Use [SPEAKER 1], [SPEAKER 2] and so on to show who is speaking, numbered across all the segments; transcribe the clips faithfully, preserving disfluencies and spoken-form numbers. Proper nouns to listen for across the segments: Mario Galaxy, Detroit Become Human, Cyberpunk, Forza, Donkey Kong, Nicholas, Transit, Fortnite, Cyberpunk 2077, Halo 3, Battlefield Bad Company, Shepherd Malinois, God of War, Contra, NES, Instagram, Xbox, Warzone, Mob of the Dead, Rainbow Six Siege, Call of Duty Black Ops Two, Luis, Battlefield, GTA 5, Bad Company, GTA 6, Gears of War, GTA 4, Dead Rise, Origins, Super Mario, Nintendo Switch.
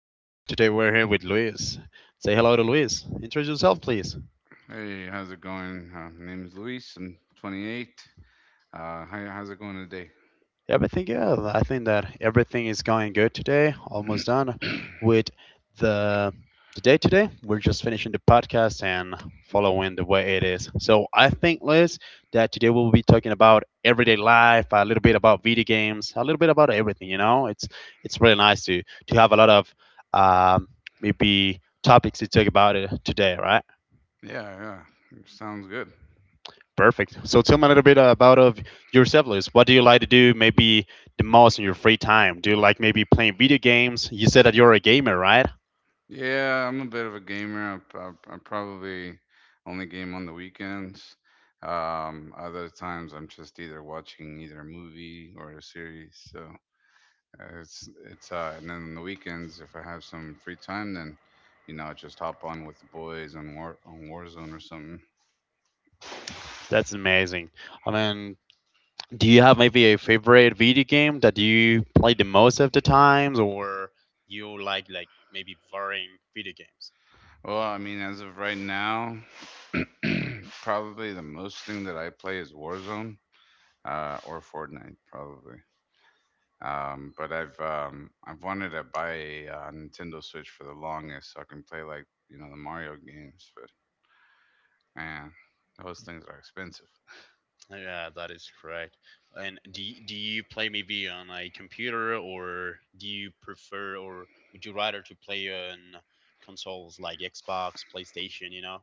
[SPEAKER 1] again. Today, we're here with Luis. Say hello to Luis. Introduce yourself, please.
[SPEAKER 2] Hey, how's it going? Uh, my name is Luis. I'm twenty-eight. Uh, how, how's it going today?
[SPEAKER 1] Everything. Yeah, I think that everything is going good today. Almost done with the the day today. We're just finishing the podcast and following the way it is. So I think, Liz, that today we'll be talking about everyday life, a little bit about video games, a little bit about everything. You know, it's it's really nice to to have a lot of um, maybe topics to talk about it today, right?
[SPEAKER 2] Yeah, yeah, sounds good.
[SPEAKER 1] Perfect. So tell me a little bit about of yourself, Liz. What do you like to do maybe the most in your free time? Do you like maybe playing video games? You said that you're a gamer, right?
[SPEAKER 2] Yeah, I'm a bit of a gamer. I, I, I probably only game on the weekends. Um, other times, I'm just either watching either a movie or a series. So uh, it's it's uh, and then on the weekends, if I have some free time, then you know I just hop on with the boys on War on Warzone or something.
[SPEAKER 1] That's amazing. I mean, do you have maybe a favorite video game that you play the most of the times or you like like maybe varying video games?
[SPEAKER 2] Well, I mean, as of right now. Probably the most thing that I play is Warzone, uh, or Fortnite, probably. Um, but I've um, I've wanted to buy a uh, Nintendo Switch for the longest, so I can play like you know the Mario games. But man, those things are expensive.
[SPEAKER 1] Yeah, that is correct. And do y- do you play maybe on a computer or do you prefer or would you rather to play on consoles like Xbox, PlayStation, you know?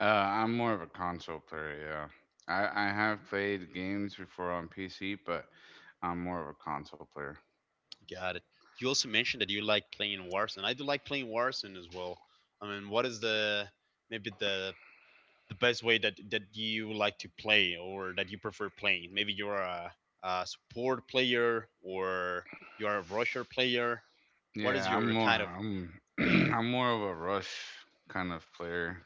[SPEAKER 2] Uh, I'm more of a console player. Yeah, I, I have played games before on P C, but I'm more of a console player.
[SPEAKER 1] Got it. You also mentioned that you like playing Warzone. I do like playing Warzone as well. I mean, what is the maybe the the best way that that you like to play or that you prefer playing? Maybe you're a, a support player or you're a rusher player. What is
[SPEAKER 2] Yeah, I'm
[SPEAKER 1] your
[SPEAKER 2] more
[SPEAKER 1] kind of
[SPEAKER 2] I'm
[SPEAKER 1] game?
[SPEAKER 2] I'm more of a rush kind of player,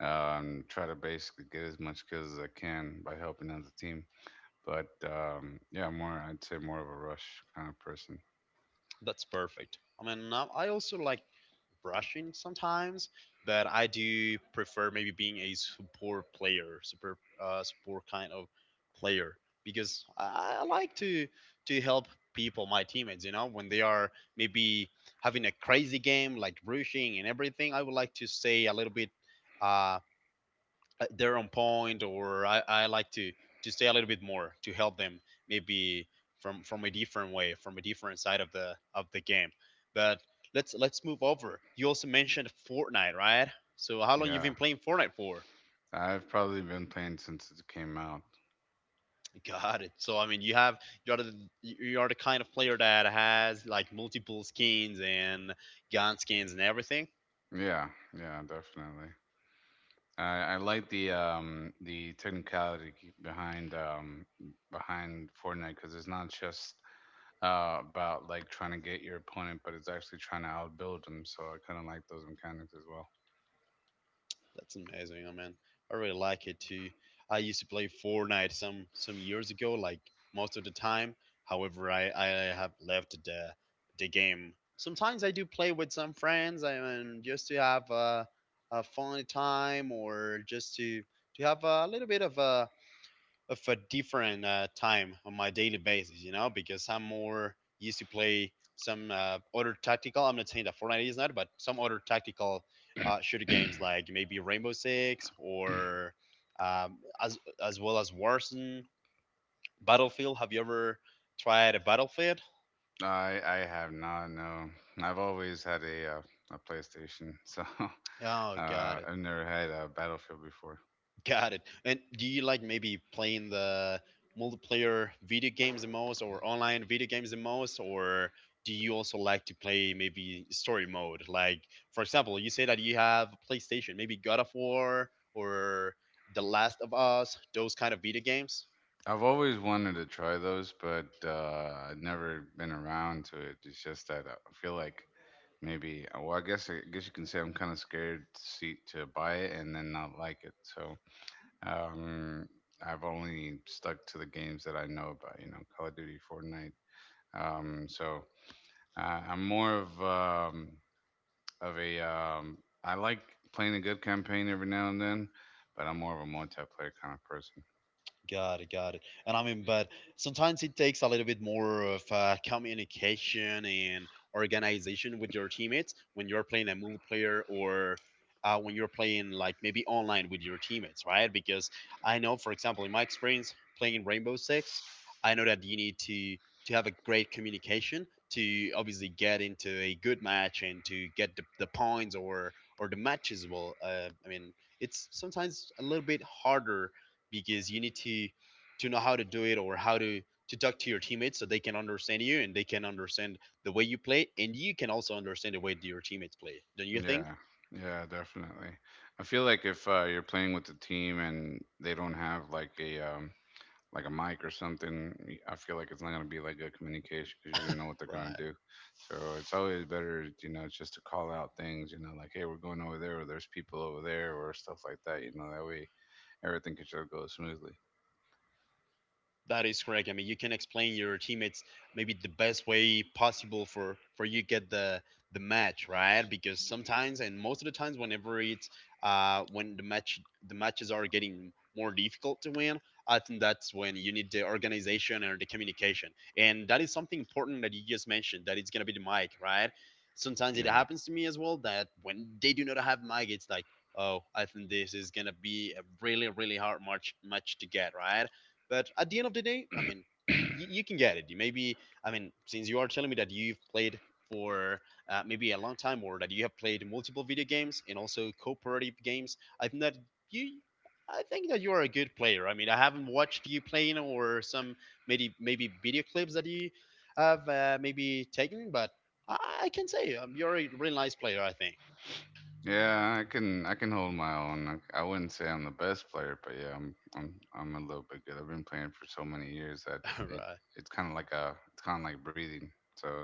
[SPEAKER 2] um, try to basically get as much kills as I can by helping out the team. But um, yeah, more I'd say more of a rush kind of person.
[SPEAKER 1] That's perfect. I mean, um, I also like rushing sometimes, but I do prefer maybe being a support player, support uh, support kind of player because I, I like to to help people, my teammates. You know, when they are maybe having a crazy game like rushing and everything, I would like to stay a little bit. Uh, uh, they're on point, or I, I like to to stay a little bit more to help them maybe from from a different way, from a different side of the of the game, but let's let's move over. You also mentioned Fortnite, right? So how long you've
[SPEAKER 2] Yeah,
[SPEAKER 1] been playing Fortnite for?
[SPEAKER 2] I've probably been playing since it came out.
[SPEAKER 1] Got it. So I mean, you have you are the you are the kind of player that has like multiple skins and gun skins and everything.
[SPEAKER 2] Yeah, yeah, definitely. I, I like the um, the technicality behind um, behind Fortnite because it's not just uh, about like trying to get your opponent, but it's actually trying to outbuild them. So I kind of like those mechanics as well.
[SPEAKER 1] That's amazing, I mean. I really like it too. I used to play Fortnite some some years ago, like most of the time. However, I, I have left the the game. Sometimes I do play with some friends, I mean, just to have a, a fun time or just to to have a little bit of a of a different uh, time on my daily basis, you know, because I'm more used to play some uh, other tactical. I'm not saying that Fortnite is not, but some other tactical uh, shooter games like maybe Rainbow Six or um, as as well as Warzone, Battlefield. Have you ever tried a Battlefield?
[SPEAKER 2] I I have not. No, I've always had a uh, a PlayStation, so uh,
[SPEAKER 1] Oh God.
[SPEAKER 2] I've never had a Battlefield before.
[SPEAKER 1] Got it. And do you like maybe playing the multiplayer video games the most or online video games the most, or do you also like to play maybe story mode? Like for example, you say that you have a PlayStation, maybe God of War or The Last of Us, those kind of video games?
[SPEAKER 2] I've always wanted to try those, but uh, I've never been around to it. It's just that I feel like maybe, well, I guess I guess you can say I'm kind of scared to see to buy it and then not like it. So um, I've only stuck to the games that I know about. You know, Call of Duty, Fortnite. Um, so uh, I'm more of um, of a um I like playing a good campaign every now and then, but I'm more of a multiplayer kind of person.
[SPEAKER 1] Got it, got it. And I mean, but sometimes it takes a little bit more of uh, communication and organization with your teammates when you're playing a multiplayer or uh, when you're playing like maybe online with your teammates, right? Because I know, for example, in my experience playing Rainbow Six, I know that you need to to have a great communication to obviously get into a good match and to get the, the points or or the matches. Well, uh, I mean, it's sometimes a little bit harder because you need to to know how to do it, or how to to talk to your teammates so they can understand you and they can understand the way you play, and you can also understand the way your teammates play. Don't you think?
[SPEAKER 2] Yeah. Yeah, definitely. I feel like if uh, you're playing with the team and they don't have like a um like a mic or something, y- I feel like it's not gonna be like good communication because you don't know what they're gonna
[SPEAKER 1] Right.
[SPEAKER 2] do. So it's always better, you know, just to call out things, you know, like hey, we're going over there, or there's people over there, or stuff like that. You know, that way everything can just go smoothly.
[SPEAKER 1] That is correct. I mean, you can explain your teammates maybe the best way possible for for you get the the match right, because sometimes, and most of the times, whenever it's uh when the match the matches are getting more difficult to win, I think that's when you need the organization or the communication, and that is something important that you just mentioned, that it's gonna be the mic, right? Sometimes it
[SPEAKER 2] Yeah.
[SPEAKER 1] happens to me as well that when they do not have mic, it's like, oh, I think this is gonna be a really really hard match match to get right, but at the end of the day, I mean, y- you can get it. You maybe, I mean, since you are telling me that you've played for uh, maybe a long time, or that you have played multiple video games and also cooperative games, I think that you. I think that you are a good player. I mean, I haven't watched you playing or some maybe maybe video clips that you have uh, maybe taken, but I I can say, um, you're a really nice player, I think.
[SPEAKER 2] Yeah, I can I can hold my own. I, I wouldn't say I'm the best player, but yeah, I'm I'm I'm a little bit good. I've been playing for so many years that it
[SPEAKER 1] Right.
[SPEAKER 2] it's kind of like a it's kind of like breathing. So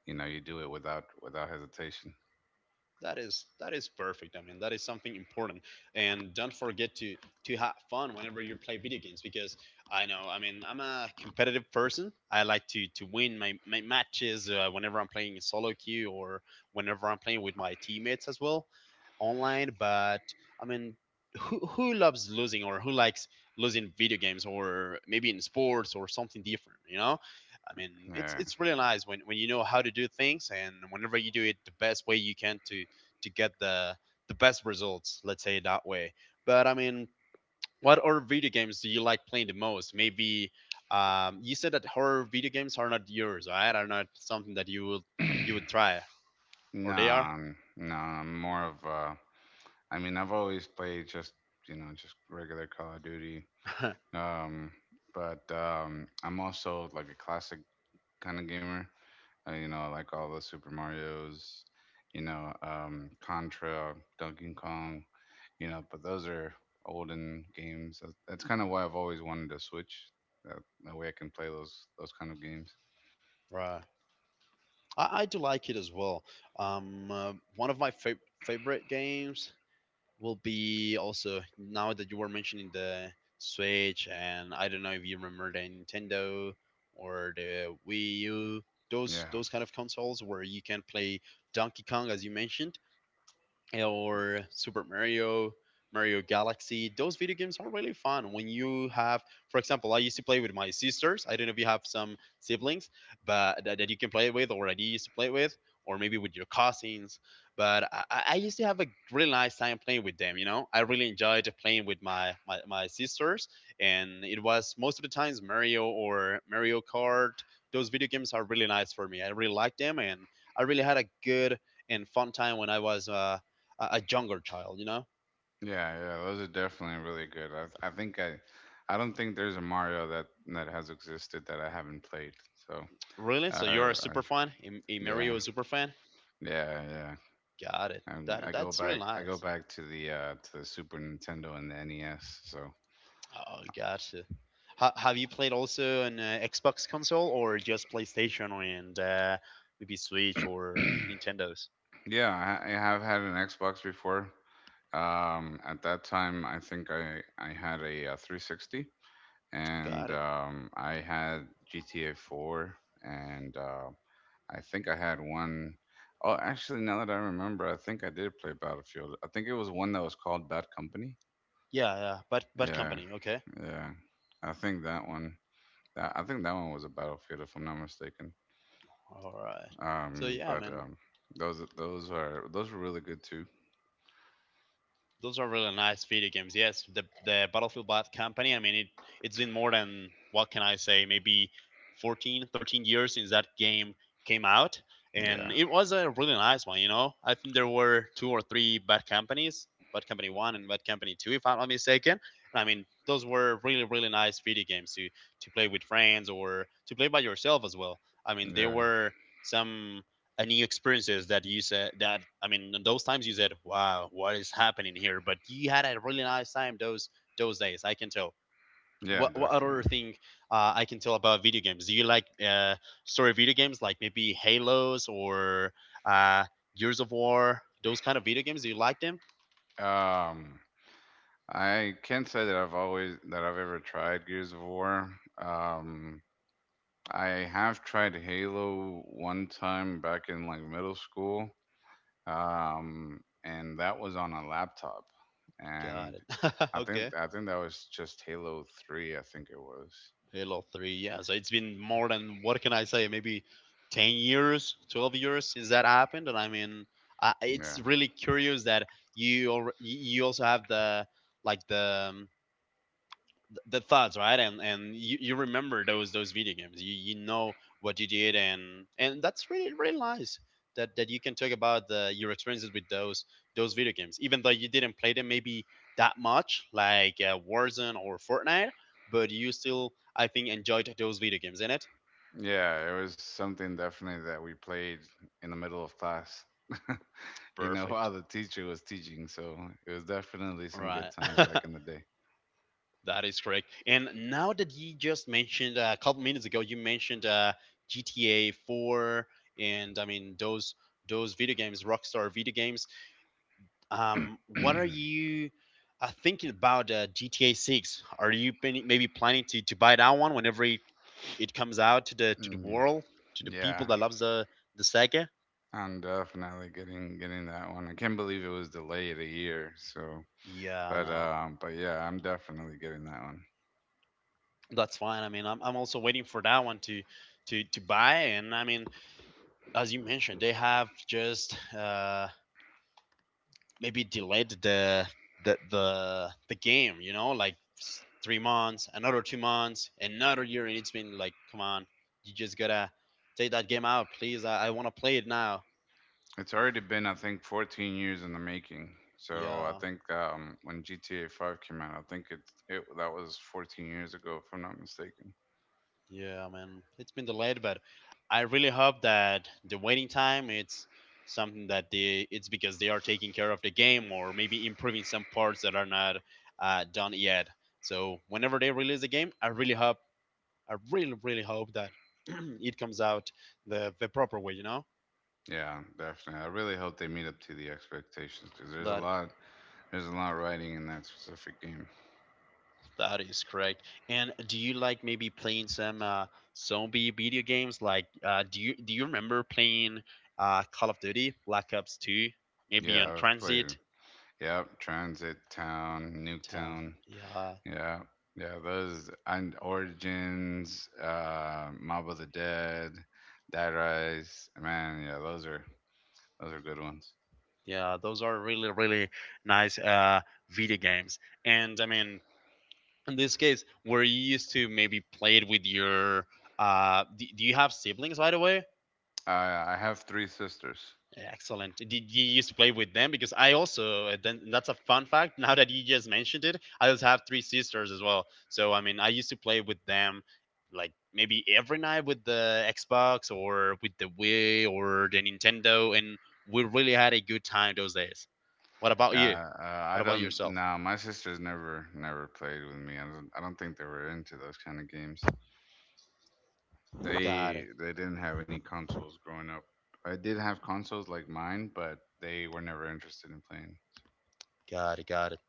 [SPEAKER 2] you know you do it without without hesitation.
[SPEAKER 1] that is that is perfect. I mean, that is something important, and don't forget to to have fun whenever you play video games, because I know. I mean, I'm a competitive person. I like to to win my, my matches uh, whenever I'm playing in solo queue or whenever I'm playing with my teammates as well online, but I mean, who, who loves losing or who likes losing video games, or maybe in sports or something different you know I mean, it's
[SPEAKER 2] Yeah.
[SPEAKER 1] it's really nice when, when you know how to do things, and whenever you do it the best way you can to to get the the best results. Let's say it that way. But I mean, what other video games do you like playing the most? Maybe um, you said that horror video games are not yours, right? Are not something that you would you would try,
[SPEAKER 2] No,
[SPEAKER 1] or they are.
[SPEAKER 2] I'm- no, I'm more of uh. I mean, I've always played just you know just regular Call of Duty. Um, but um, I'm also like a classic kind of gamer. uh, you know, I like all the Super Mario's, you know, um, Contra, Donkey Kong, you know, but those are olden games. That- That's kind of why I've always wanted to Switch. That, that way I can play those those kind of games.
[SPEAKER 1] Right. I, I do like it as well. Um, uh, one of my fav- favorite games will be also now that you were mentioning the Switch, and I don't know if you remember the Nintendo or the Wii U, those
[SPEAKER 2] Yeah,
[SPEAKER 1] those kind of consoles where you can play Donkey Kong as you mentioned, or Super Mario, Mario Galaxy. Those video games are really fun when you have, for example, I used to play with my sisters. I don't know if you have some siblings, but that, that you can play with, or that you used to play with, or maybe with your cousins. But I, I I used to have a really nice time playing with them. You know, I really enjoyed playing with my, my my sisters, and it was most of the times Mario or Mario Kart. Those video games are really nice for me. I really like them, and I really had a good and fun time when I was uh, a, a younger child, you know?
[SPEAKER 2] yeah, yeah. Those are definitely really good. I, th- I think I, I don't think there's a Mario that that has existed that I haven't played. So,
[SPEAKER 1] Really?
[SPEAKER 2] I,
[SPEAKER 1] So you're a
[SPEAKER 2] I
[SPEAKER 1] super fan? A,
[SPEAKER 2] yeah,
[SPEAKER 1] Mario super fan?
[SPEAKER 2] yeah, yeah.
[SPEAKER 1] Got it.
[SPEAKER 2] I, I
[SPEAKER 1] That
[SPEAKER 2] go
[SPEAKER 1] that's really
[SPEAKER 2] back, I go
[SPEAKER 1] nice.
[SPEAKER 2] back to the uh to the Super Nintendo and the ness. So,
[SPEAKER 1] Oh, gotcha. Ha have you played also an uh, Xbox console, or just PlayStation and uh, maybe Switch or Nintendo's?
[SPEAKER 2] yeah, I I have had an Xbox before. Um, at that time, I think I I had a, uh three sixty, and
[SPEAKER 1] Got it.
[SPEAKER 2] um, I had G T A four, and uh, I think I had one. Oh, actually, now that I remember, I think I did play Battlefield. I think it was one that was called Bad Company.
[SPEAKER 1] Yeah, yeah. But but
[SPEAKER 2] Yeah,
[SPEAKER 1] company, okay.
[SPEAKER 2] yeah. I think that one. That, I think that one was a Battlefield, if I'm not mistaken.
[SPEAKER 1] All right. So
[SPEAKER 2] Um,
[SPEAKER 1] yeah,
[SPEAKER 2] but
[SPEAKER 1] man.
[SPEAKER 2] um, those those are those were really good too.
[SPEAKER 1] Those are really nice video games. Yes, the the Battlefield Bad Company. I mean, it it's been more than what can I say? Maybe fourteen, thirteen years since that game came out,
[SPEAKER 2] Yeah,
[SPEAKER 1] and it was a really nice one. You know, I think there were two or three Bad Companies, Bad Company One and Bad Company Two, if I'm not mistaken. And I mean, those were really really nice video games to to play with friends or to play by yourself as well. I mean, they
[SPEAKER 2] yeah.
[SPEAKER 1] were some any experiences that you said that I mean in those times you said, wow, what is happening here, but you had a really nice time those those days, I can tell.
[SPEAKER 2] Yeah,
[SPEAKER 1] What, what other
[SPEAKER 2] definitely.
[SPEAKER 1] thing uh, I can tell about video games? Do you like uh, story video games like maybe Halos or uh, Gears of War, those kind of video games? Do you like them?
[SPEAKER 2] Um, I can't say that I've always that I've ever tried Gears of War. Um, I have tried Halo one time back in like middle school, um, and that was on a laptop,
[SPEAKER 1] Got
[SPEAKER 2] and
[SPEAKER 1] it.
[SPEAKER 2] I think
[SPEAKER 1] Okay.
[SPEAKER 2] I think that was just Halo three. I think it was.
[SPEAKER 1] Halo three. Yeah, so it's been more than what can I say? Maybe ten years, twelve years since that happened, and I mean, uh,
[SPEAKER 2] Yeah,
[SPEAKER 1] it's really curious that you al- you also have the like the um, the thoughts, right? And and you, you remember those those video games. You, you know what you did, and and that's really really nice that that you can talk about the your experiences with those those video games, even though you didn't play them maybe that much, like uh, Warzone or Fortnite, but you still, I think, enjoyed those video games in it.
[SPEAKER 2] yeah, it was something definitely that we played in the middle of class. You know,
[SPEAKER 1] Perfect.
[SPEAKER 2] while the teacher was teaching, so it was definitely some good
[SPEAKER 1] Right.
[SPEAKER 2] times back in the day.
[SPEAKER 1] That is correct. And now that you just mentioned uh, a couple minutes ago, you mentioned uh, G T A four, and I mean those those video games, Rockstar video games. Um, what are you uh, thinking about uh, G T A six? Are you pen- maybe planning to, to buy that one whenever it, it comes out to the to the
[SPEAKER 2] Mm,
[SPEAKER 1] world, to the people
[SPEAKER 2] yeah,
[SPEAKER 1] that loves the the saga?
[SPEAKER 2] I'm definitely getting getting that one. I can't believe it was delayed a year. So,
[SPEAKER 1] Yeah, I
[SPEAKER 2] but
[SPEAKER 1] know.
[SPEAKER 2] um, but Yeah, I'm definitely getting that one.
[SPEAKER 1] That's fine. I mean, I'm, I'm also waiting for that one to to to buy, and I mean, as you mentioned, they have just uh, maybe delayed the the the, the game, you know, like s- three months, another two months, another year, and it's been like, come on, you just gotta take that game out, please. i, I want to play it now.
[SPEAKER 2] It's already been, I think, fourteen years in the making. So I
[SPEAKER 1] Yeah.
[SPEAKER 2] think um, when G T A five came out, I think it it that was fourteen years ago, if I'm not mistaken.
[SPEAKER 1] Yeah, man, it's been delayed, but I really hope that the waiting time, it's something that they, it's because they are taking care of the game or maybe improving some parts that are not uh, done yet. So whenever they release the game, I really hope, I really, really hope that it comes out the the proper way, you know.
[SPEAKER 2] Yeah, definitely. I really hope they meet up to the expectations because there's a
[SPEAKER 1] That
[SPEAKER 2] lot there's a lot riding in that specific game.
[SPEAKER 1] that is correct. And do you like maybe playing some uh, zombie video games? Like, uh, do you do you remember playing uh, Call of Duty Black Ops Two? Maybe on
[SPEAKER 2] Yeah, I've played.
[SPEAKER 1] Transit.
[SPEAKER 2] Yep, Transit Town,
[SPEAKER 1] Uh,
[SPEAKER 2] Nuketown.
[SPEAKER 1] yeah,
[SPEAKER 2] Yeah, yeah, those and Origins, uh, Mob of the Dead, Dead Rise. Man, yeah, those are those are good ones.
[SPEAKER 1] yeah, those are really really nice uh, video games. And I mean, in this case, were you used to maybe play it with your? Uh, do, do you have siblings, by the way?
[SPEAKER 2] I I have three sisters.
[SPEAKER 1] Excellent. Did you used to play with them? Because I also, uh, then that's a fun fact. Now that you just mentioned it, I also have three sisters as well. So I mean, I used to play with them, like maybe every night with the Xbox or with the Wii or the Nintendo, and we really had a good time those days. What about
[SPEAKER 2] Uh,
[SPEAKER 1] you?
[SPEAKER 2] uh, I
[SPEAKER 1] What about
[SPEAKER 2] don't.
[SPEAKER 1] yourself?
[SPEAKER 2] Nah, my sisters never never played with me. I don't. I don't think they were into those kind of games.
[SPEAKER 1] Got
[SPEAKER 2] They
[SPEAKER 1] it.
[SPEAKER 2] they didn't have any consoles growing up. I did have consoles like mine, but they were never interested in playing.
[SPEAKER 1] Got it. Got it.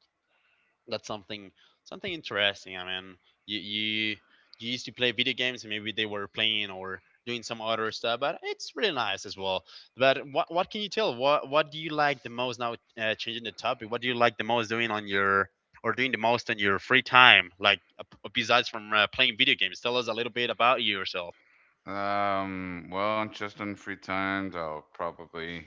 [SPEAKER 1] That's something Something interesting. I mean, you you you used to play video games, and maybe they were playing or doing some other stuff, but it's really nice as well. But what what can you tell? What what do you like the most now? Uh, changing the topic, what do you like the most doing on your, or doing the most on your free time, like uh, besides from uh, playing video games? Tell us a little bit about yourself.
[SPEAKER 2] Um, well, just on free times, I'll probably,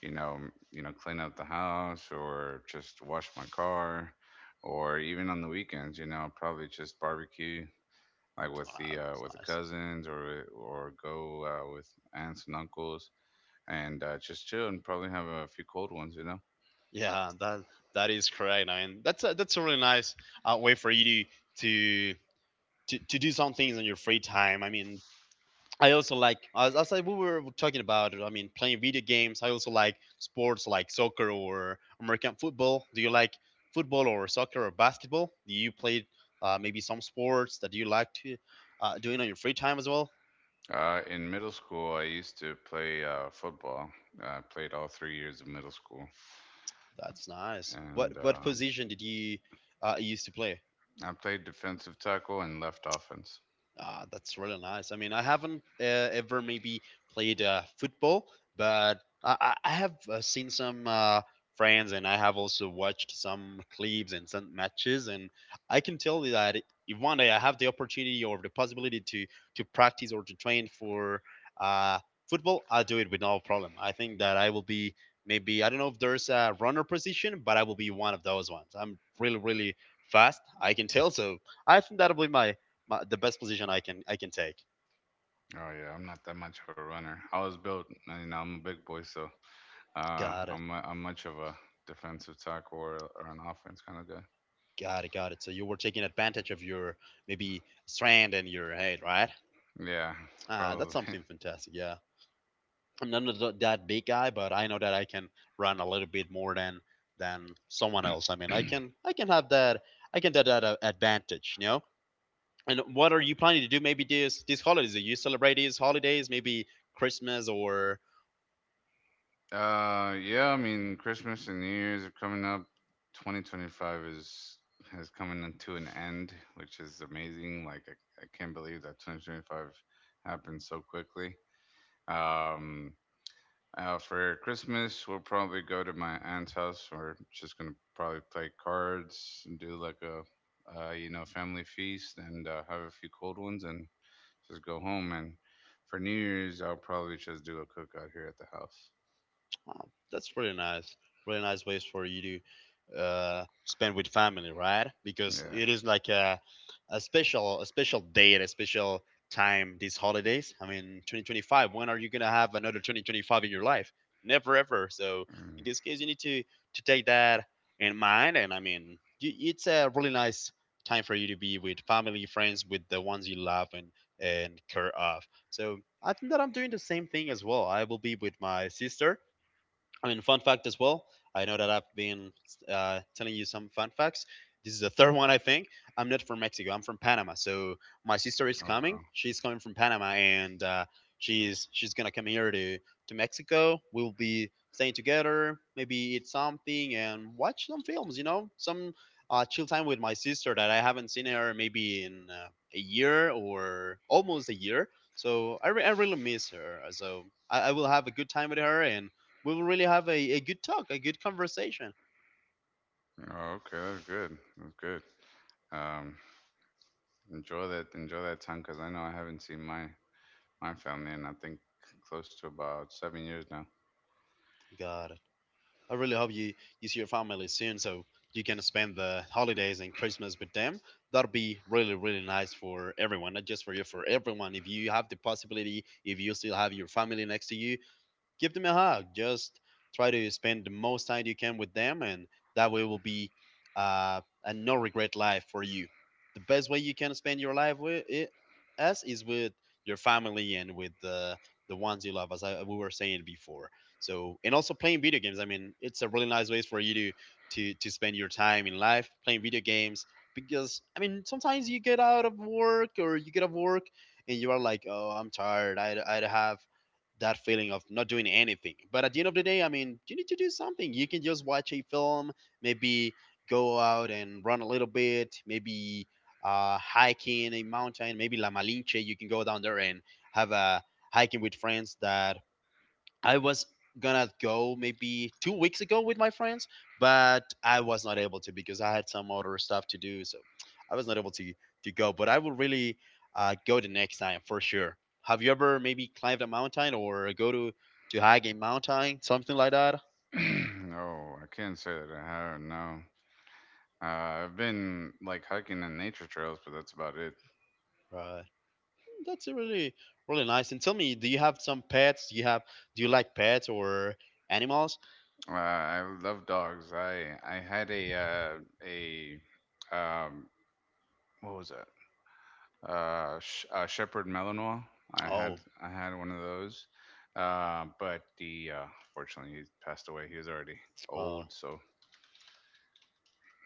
[SPEAKER 2] you know, you know, clean up the house or just wash my car, or even on the weekends, you know, I'll probably just barbecue like with
[SPEAKER 1] Wow,
[SPEAKER 2] the uh,
[SPEAKER 1] that's
[SPEAKER 2] with the
[SPEAKER 1] nice.
[SPEAKER 2] cousins or or go, uh, with aunts and uncles and uh, just chill and probably have a few cold ones, you know.
[SPEAKER 1] Yeah, that that is correct. I mean, that's a, that's a really nice uh, way for you to to to to do some things on your free time. I mean, I also like, as, as I we were talking about. I mean, playing video games. I also like sports, like soccer or American football. Do you like football or soccer or basketball? Do you play uh, maybe some sports that you like to uh, doing on your free time as well?
[SPEAKER 2] Uh, in middle school, I used to play, uh, football. I played all three years of middle school,
[SPEAKER 1] That's nice. What
[SPEAKER 2] and
[SPEAKER 1] what
[SPEAKER 2] um,
[SPEAKER 1] position did you uh, used to play?
[SPEAKER 2] I played defensive tackle and left offense.
[SPEAKER 1] Ah, that's really nice. I mean, I haven't uh, ever maybe played uh, football, but I, I I have uh, seen some uh, friends, and I have also watched some clips and some matches. And I can tell you that if one day I have the opportunity or the possibility to, to practice or to train for uh, football, I'll do it with no problem. I think that I will be maybe, I don't know if there's a runner position, but I will be one of those ones. I'm really, really fast. I can tell. So I think that'll be my my, the best position I can I can take.
[SPEAKER 2] Oh yeah, I'm not that much of a runner. I was built, uh, you know, I'm a big boy, so uh,
[SPEAKER 1] Got it.
[SPEAKER 2] I'm i I'm much of a defensive tackle or, or an offense kind of guy.
[SPEAKER 1] Got it. Got it. So you were taking advantage of your maybe strand and your head, right?
[SPEAKER 2] Yeah,
[SPEAKER 1] Ah, that's
[SPEAKER 2] probably.
[SPEAKER 1] something fantastic. Yeah. I'm not that big guy, but I know that I can run a little bit more than than someone else. I mean, I can I can have that I can have that uh, advantage, you know. And what are you planning to do? Maybe this, these holidays? Are you celebrate these holidays? Maybe Christmas or?
[SPEAKER 2] Uh, yeah, I mean, Christmas and New Year's are coming up. twenty twenty-five is has coming in to an end, which is amazing. Like I, I can't believe that twenty twenty-five happened so quickly. Um, Uh, for Christmas, we'll probably go to my aunt's house. We're just gonna probably play cards and do like a, uh, you know, family feast and uh, have a few cold ones and just go home. And for New Year's, I'll probably just do a cookout here at the house.
[SPEAKER 1] Oh, that's really nice. Really nice ways for you to uh, spend with family, right? Because
[SPEAKER 2] Yeah.
[SPEAKER 1] it is like a, a special a special date, a special time, these holidays. I mean, twenty twenty-five. When are you gonna have another twenty twenty-five in your life? Never ever. So in
[SPEAKER 2] Mm.
[SPEAKER 1] this case, you need to to take that in mind. And I mean, you, it's a really nice time for you to be with family, friends, with the ones you love and and care of. So I think that I'm doing the same thing as well. I will be with my sister. I mean, fun fact as well. I know that I've been uh, telling you some fun facts. This is the third one, I think. I'm not from Mexico. I'm from Panama. So my sister is
[SPEAKER 2] Oh
[SPEAKER 1] coming.
[SPEAKER 2] wow.
[SPEAKER 1] She's coming from Panama, and uh, she's she's gonna come here to to Mexico. We'll be staying together, maybe eat something and watch some films. You know, some uh, chill time with my sister that I haven't seen her maybe in uh, a year or almost a year. So I, re- I really miss her. So I, I will have a good time with her, and we will really have a, a good talk, a good conversation.
[SPEAKER 2] Oh, okay. That's good. That's good. Um, Enjoy that. Enjoy that time because I know I haven't seen my my family in I think close to about seven years now.
[SPEAKER 1] God, I really hope you, you see your family soon, so you can spend the holidays and Christmas with them. That'll be really, really nice for everyone, not just for you, for everyone. If you have the possibility, if you still have your family next to you, give them a hug. Just try to spend the most time you can with them, and that way will be uh, a no regret life for you. The best way you can spend your life with it, us, is with your family and with the the ones you love, as I, we were saying before. So, and also playing video games. I mean, it's a really nice way for you to to to spend your time in life playing video games. Because I mean, sometimes you get out of work or you get off work, and you are like, oh, I'm tired. I I have that feeling of not doing anything. But at the end of the day, I mean, you need to do something. You can just watch a film, maybe go out and run a little bit, maybe uh, hiking a mountain, maybe La Malinche. You can go down there and have a hiking with friends. That I was gonna go maybe two weeks ago with my friends, but I was not able to because I had some other stuff to do, so I was not able to to go. But I will really uh, go the next time for sure. Have you ever maybe climbed a mountain or go to to hike a mountain, something like that?
[SPEAKER 2] No, I can't say that I have. No, Uh, I've been like hiking and nature trails, but that's about it.
[SPEAKER 1] Right. Mm, that's a really really nice. And tell me, do you have some pets? Do you have, do you like pets or animals?
[SPEAKER 2] Uh, I love dogs. I I had a uh, a um what was it? Uh, sh- uh Shepherd Malinois. I had
[SPEAKER 1] Oh,
[SPEAKER 2] I had one of those. Uh, but the uh, fortunately he passed away. He was already
[SPEAKER 1] oh,
[SPEAKER 2] old, so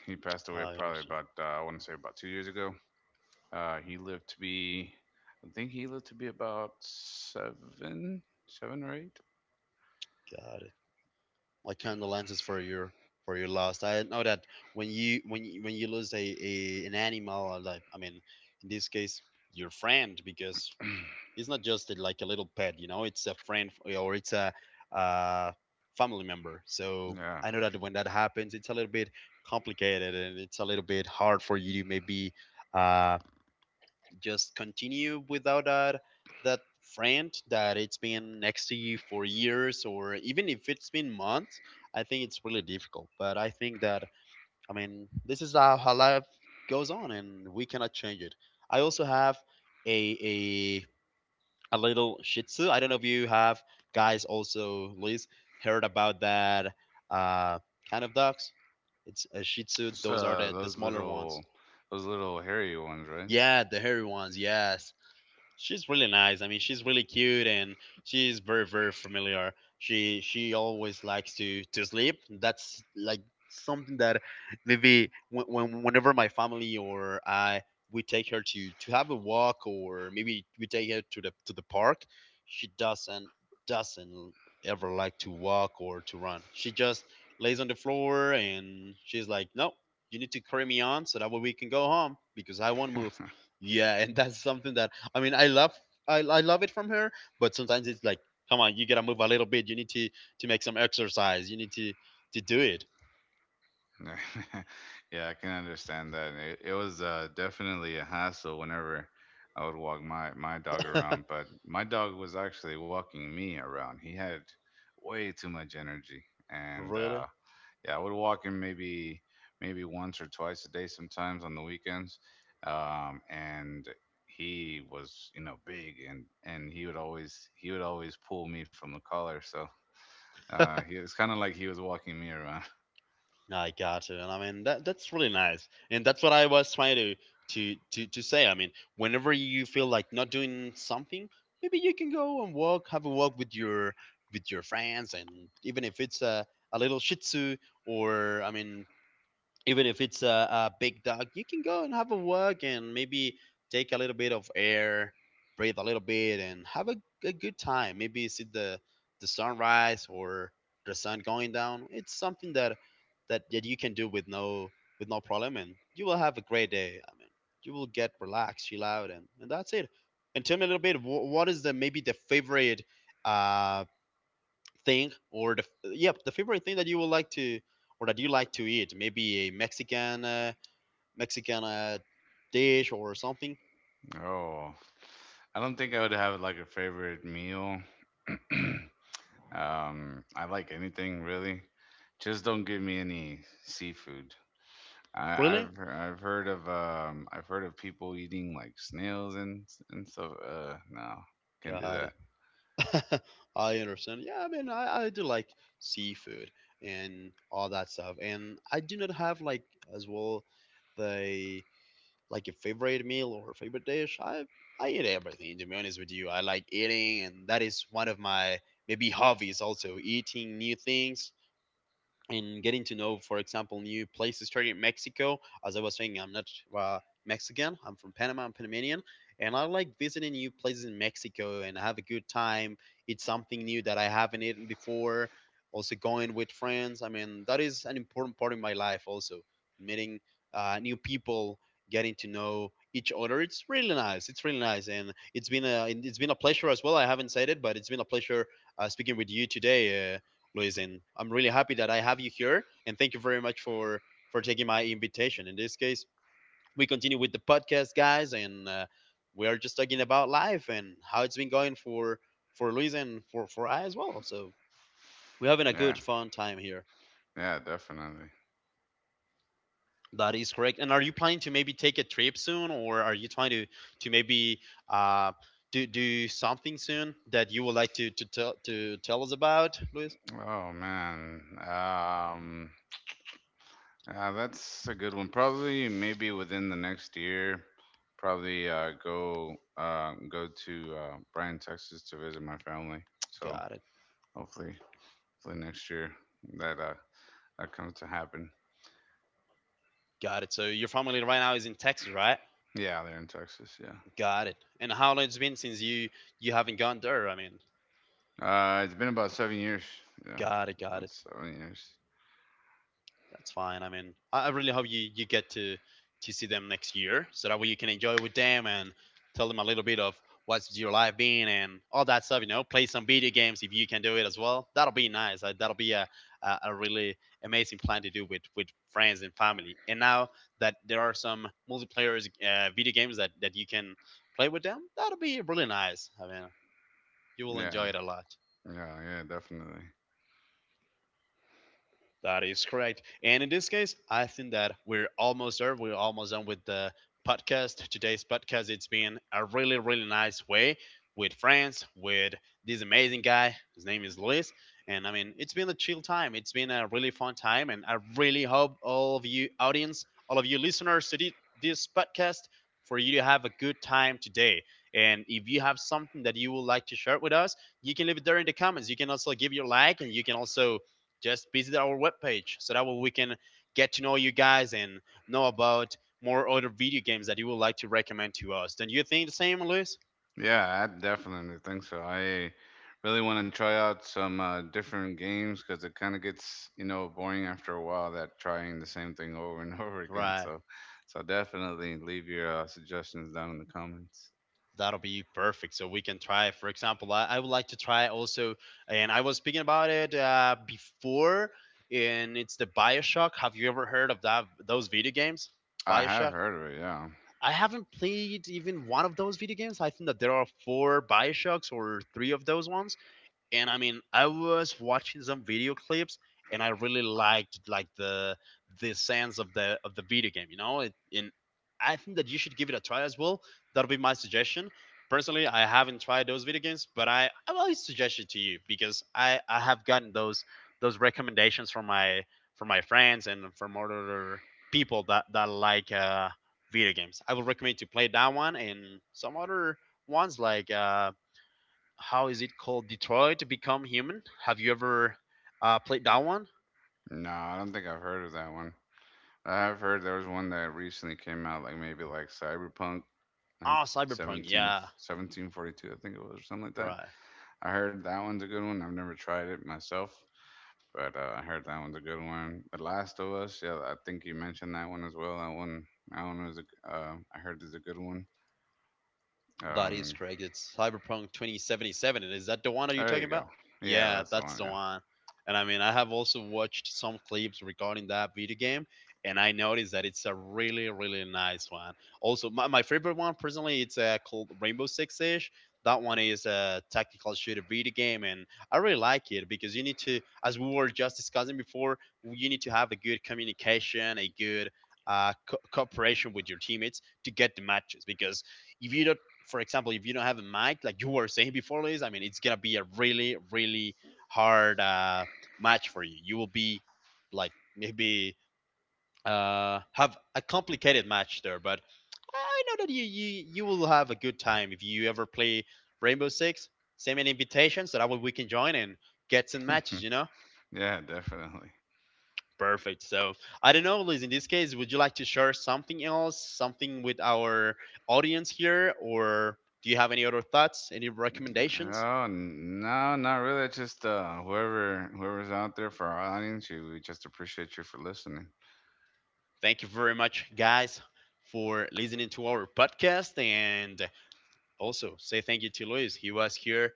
[SPEAKER 2] he passed away
[SPEAKER 1] I
[SPEAKER 2] probably
[SPEAKER 1] understand.
[SPEAKER 2] about uh, I want to say about two years ago. Uh, he lived to be, I think he lived to be about seven, seven or eight.
[SPEAKER 1] Got it. Like kind of lenses for your for your loss. I know that when you, when you, when you lose a, a an animal, or like I mean, in this case, your friend, because it's not just a, like a little pet, you know, it's a friend, or it's a uh, family member. So
[SPEAKER 2] Yeah.
[SPEAKER 1] I know that when that happens, it's a little bit complicated, and it's a little bit hard for you to maybe uh, just continue without that that friend that it's been next to you for years, or even if it's been months. I think it's really difficult, but I think that, I mean, this is how, how life goes on, and we cannot change it. I also have a a a little shih tzu. I don't know if you have guys also liz heard about that uh kind of dogs. It's a shih tzu.
[SPEAKER 2] Just
[SPEAKER 1] Those are
[SPEAKER 2] uh,
[SPEAKER 1] the the
[SPEAKER 2] those
[SPEAKER 1] smaller ones.
[SPEAKER 2] little, those little hairy ones, right?
[SPEAKER 1] Yeah, the hairy ones, yes. She's really nice. I mean, she's really cute, and she's very very familiar. She she always likes to to sleep. That's like something that maybe when, when whenever my family or I, we take her to to have a walk, or maybe we take her to the to the park, she doesn't doesn't ever like to walk or to run. She just lays on the floor, and she's like, "No, you need to carry me on so that way we can go home because I won't move." Yeah, and that's something that I mean, I love, I, I love it from her, but sometimes it's like, come on, you gotta move a little bit. You need to to make some exercise. You need to to do it.
[SPEAKER 2] No. Yeah, I can understand that. It, it was uh, definitely a hassle whenever I would walk my, my dog around, but my dog was actually walking me around. He had way too much energy, and uh,
[SPEAKER 1] Really?
[SPEAKER 2] yeah, I would walk him maybe maybe once or twice a day, sometimes on the weekends, um, and he was you know big and and he would always he would always pull me from the collar, so Uh, he it's kind of like he was walking me around.
[SPEAKER 1] I got you. And I mean that that's really nice. And that's what I was trying to to to to say. I mean, whenever you feel like not doing something, maybe you can go and walk, have a walk with your with your friends, and even if it's a a little shih tzu or I mean, even if it's a, a big dog, you can go and have a walk and maybe take a little bit of air, breathe a little bit, and have a, a good time. Maybe see the the sunrise or the sun going down. It's something that that, that you can do with no with no problem, and you will have a great day. I mean, you will get relaxed, chill out, and, and that's it. And tell me a little bit, wh- what is the maybe the favorite uh, thing or the yep the favorite thing that you would like to or that you like to eat, maybe a Mexican uh, Mexican uh, dish or something.
[SPEAKER 2] Oh, I don't think I would have like a favorite meal. um, I like anything really. Just don't give me any seafood. I,
[SPEAKER 1] Really?
[SPEAKER 2] I've I've heard of um I've heard of people eating like snails and and stuff. Uh, no, can't do
[SPEAKER 1] Got
[SPEAKER 2] that.
[SPEAKER 1] it. I understand. Yeah, I mean, I, I do like seafood and all that stuff, and I do not have, like, as well the, like, a favorite meal or favorite dish. i I eat everything, to be honest with you. I like eating, and that is one of my maybe hobbies also, eating new things, in getting to know, for example, new places, starting in Mexico. As I was saying, I'm not uh, Mexican. I'm from Panama. I'm Panamanian, and I like visiting new places in Mexico and have a good time. It's something new that I haven't eaten before. Also, going with friends. I mean, that is an important part of my life. Also, meeting uh, new people, getting to know each other. It's really nice. It's really nice, and it's been a it's been a pleasure as well. I haven't said it, but it's been a pleasure uh, speaking with you today. Uh, Luis, and I'm really happy that I have you here. And thank you very much for for taking my invitation. In this case, we continue with the podcast, guys, and uh, we are just talking about life and how it's been going for for Luis and for for I as well. So we're having a
[SPEAKER 2] Yeah,
[SPEAKER 1] good fun time here.
[SPEAKER 2] yeah, definitely.
[SPEAKER 1] That is correct. And are you planning to maybe take a trip soon, or are you trying to to maybe uh, do do something soon that you would like to to tell to tell us about, Luis?
[SPEAKER 2] Oh man. Um, Uh, that's a good one. Probably maybe within the next year, probably uh, go uh, go to, uh, Bryan, Texas to visit my family. So
[SPEAKER 1] Got it,
[SPEAKER 2] hopefully, hopefully next year that uh, that comes to happen.
[SPEAKER 1] got it. So your family right now is in Texas, right?
[SPEAKER 2] Yeah, they're in Texas. Yeah,
[SPEAKER 1] Got it. And how long it's been since you you haven't gone there? I mean,
[SPEAKER 2] uh, it's been about seven years. Yeah,
[SPEAKER 1] got it, got
[SPEAKER 2] about
[SPEAKER 1] it.
[SPEAKER 2] seven years.
[SPEAKER 1] That's fine. I mean, I I really hope you you get to to see them next year, so that way you can enjoy with them and tell them a little bit of what's your life been and all that stuff. You know, play some video games if you can do it as well. That'll be nice. Uh, That'll be a a, a really amazing plan to do with with friends and family. And now that there are some multiplayer uh, video games that that you can play with them. That'll be really nice. I mean, you will enjoy
[SPEAKER 2] Yeah,
[SPEAKER 1] it a lot.
[SPEAKER 2] yeah, yeah, definitely.
[SPEAKER 1] That is correct. And in this case, I think that we're almost there. We're almost done with the podcast. Today's podcast, it's been a really, really nice way with friends, with this amazing guy. His name is Luis. And I mean, it's been a chill time. It's been a really fun time. And I really hope all of you audience, all of you listeners to this podcast, for you to have a good time today. And if you have something that you would like to share with us, you can leave it there in the comments. You can also give your like, and you can also just visit our webpage, so that way we can get to know you guys and know about more other video games that you would like to recommend to us. Don't you think the same, Luis?
[SPEAKER 2] Yeah, I definitely think so. I really want to try out some uh, different games because it kind of gets you know boring after a while that trying the same thing over and over again.
[SPEAKER 1] Right.
[SPEAKER 2] So, so definitely leave your uh, suggestions down in the comments.
[SPEAKER 1] That'll be perfect. So we can try. For example, I, I would like to try also, and I was speaking about it uh, before, and it's the Bioshock. Have you ever heard of that? Those video games,
[SPEAKER 2] I have
[SPEAKER 1] Bioshock.
[SPEAKER 2] heard of it. Yeah.
[SPEAKER 1] I haven't played even one of those video games. I think that there are four Bioshocks or three of those ones, and I mean, I was watching some video clips, and I really liked, like, the the sense of the of the video game. You know, it, and I think that you should give it a try as well. That'll be my suggestion. Personally, I haven't tried those video games, but I I will suggest it to you because I I have gotten those those recommendations from my from my friends and from other people that that like uh, video games. I would recommend to play that one and some other ones like. Uh, how is it called? Detroit Become Human. Have you ever uh, played that one?
[SPEAKER 2] No, I don't think I've heard of that one. I have heard there was one that recently came out, like maybe like Cyberpunk, like
[SPEAKER 1] Ah, Cyberpunk.
[SPEAKER 2] seventeen,
[SPEAKER 1] Yeah,
[SPEAKER 2] seventeen forty-two, I think it was, or something like that.
[SPEAKER 1] right.
[SPEAKER 2] I heard that one's a good one. I've never tried it myself. But uh, I heard that one's a good one. The Last of Us, yeah, I think you mentioned that one as well. That one, that one was a, uh, I heard is a good one.
[SPEAKER 1] That is
[SPEAKER 2] Um,
[SPEAKER 1] correct. It's Cyberpunk twenty seventy-seven. Is that the one that you're
[SPEAKER 2] there
[SPEAKER 1] talking
[SPEAKER 2] you go.
[SPEAKER 1] about?
[SPEAKER 2] Yeah,
[SPEAKER 1] Yeah,
[SPEAKER 2] that's the
[SPEAKER 1] that's
[SPEAKER 2] one.
[SPEAKER 1] the one. And I mean, I have also watched some clips regarding that video game, and I noticed that it's a really, really nice one. Also, my, my favorite one personally, it's uh, called Rainbow Six Siege. That one is a tactical shooter video game, and I really like it because you need to, as we were just discussing before, you need to have a good communication, a good uh, co- cooperation with your teammates to get the matches, because if you don't, for example, if you don't have a mic, like you were saying before, Liz, I mean, it's gonna be a really, really hard uh, match for you. You will be like maybe uh, have a complicated match there, but I know that you, you you will have a good time if you ever play Rainbow Six. Send me invitations so that way we can join and get some
[SPEAKER 2] Yeah,
[SPEAKER 1] matches. You know.
[SPEAKER 2] yeah, definitely.
[SPEAKER 1] Perfect. So I don't know, Liz. In this case, would you like to share something else, something with our audience here, or do you have any other thoughts, any recommendations?
[SPEAKER 2] Oh, n- no, not really. It's just uh, whoever whoever's out there for our audience, you, we just appreciate you for listening.
[SPEAKER 1] Thank you very much, guys, for listening to our podcast, and also say thank you to Luis. He was here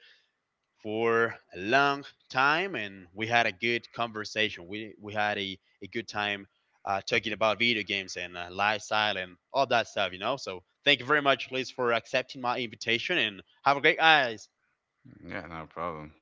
[SPEAKER 1] for a long time, and we had a good conversation. We, we had a, a good time uh, talking about video games and uh, lifestyle and all that stuff, you know. So thank you very much, Liz, for accepting my invitation and have a great night.
[SPEAKER 2] Yeah, no problem.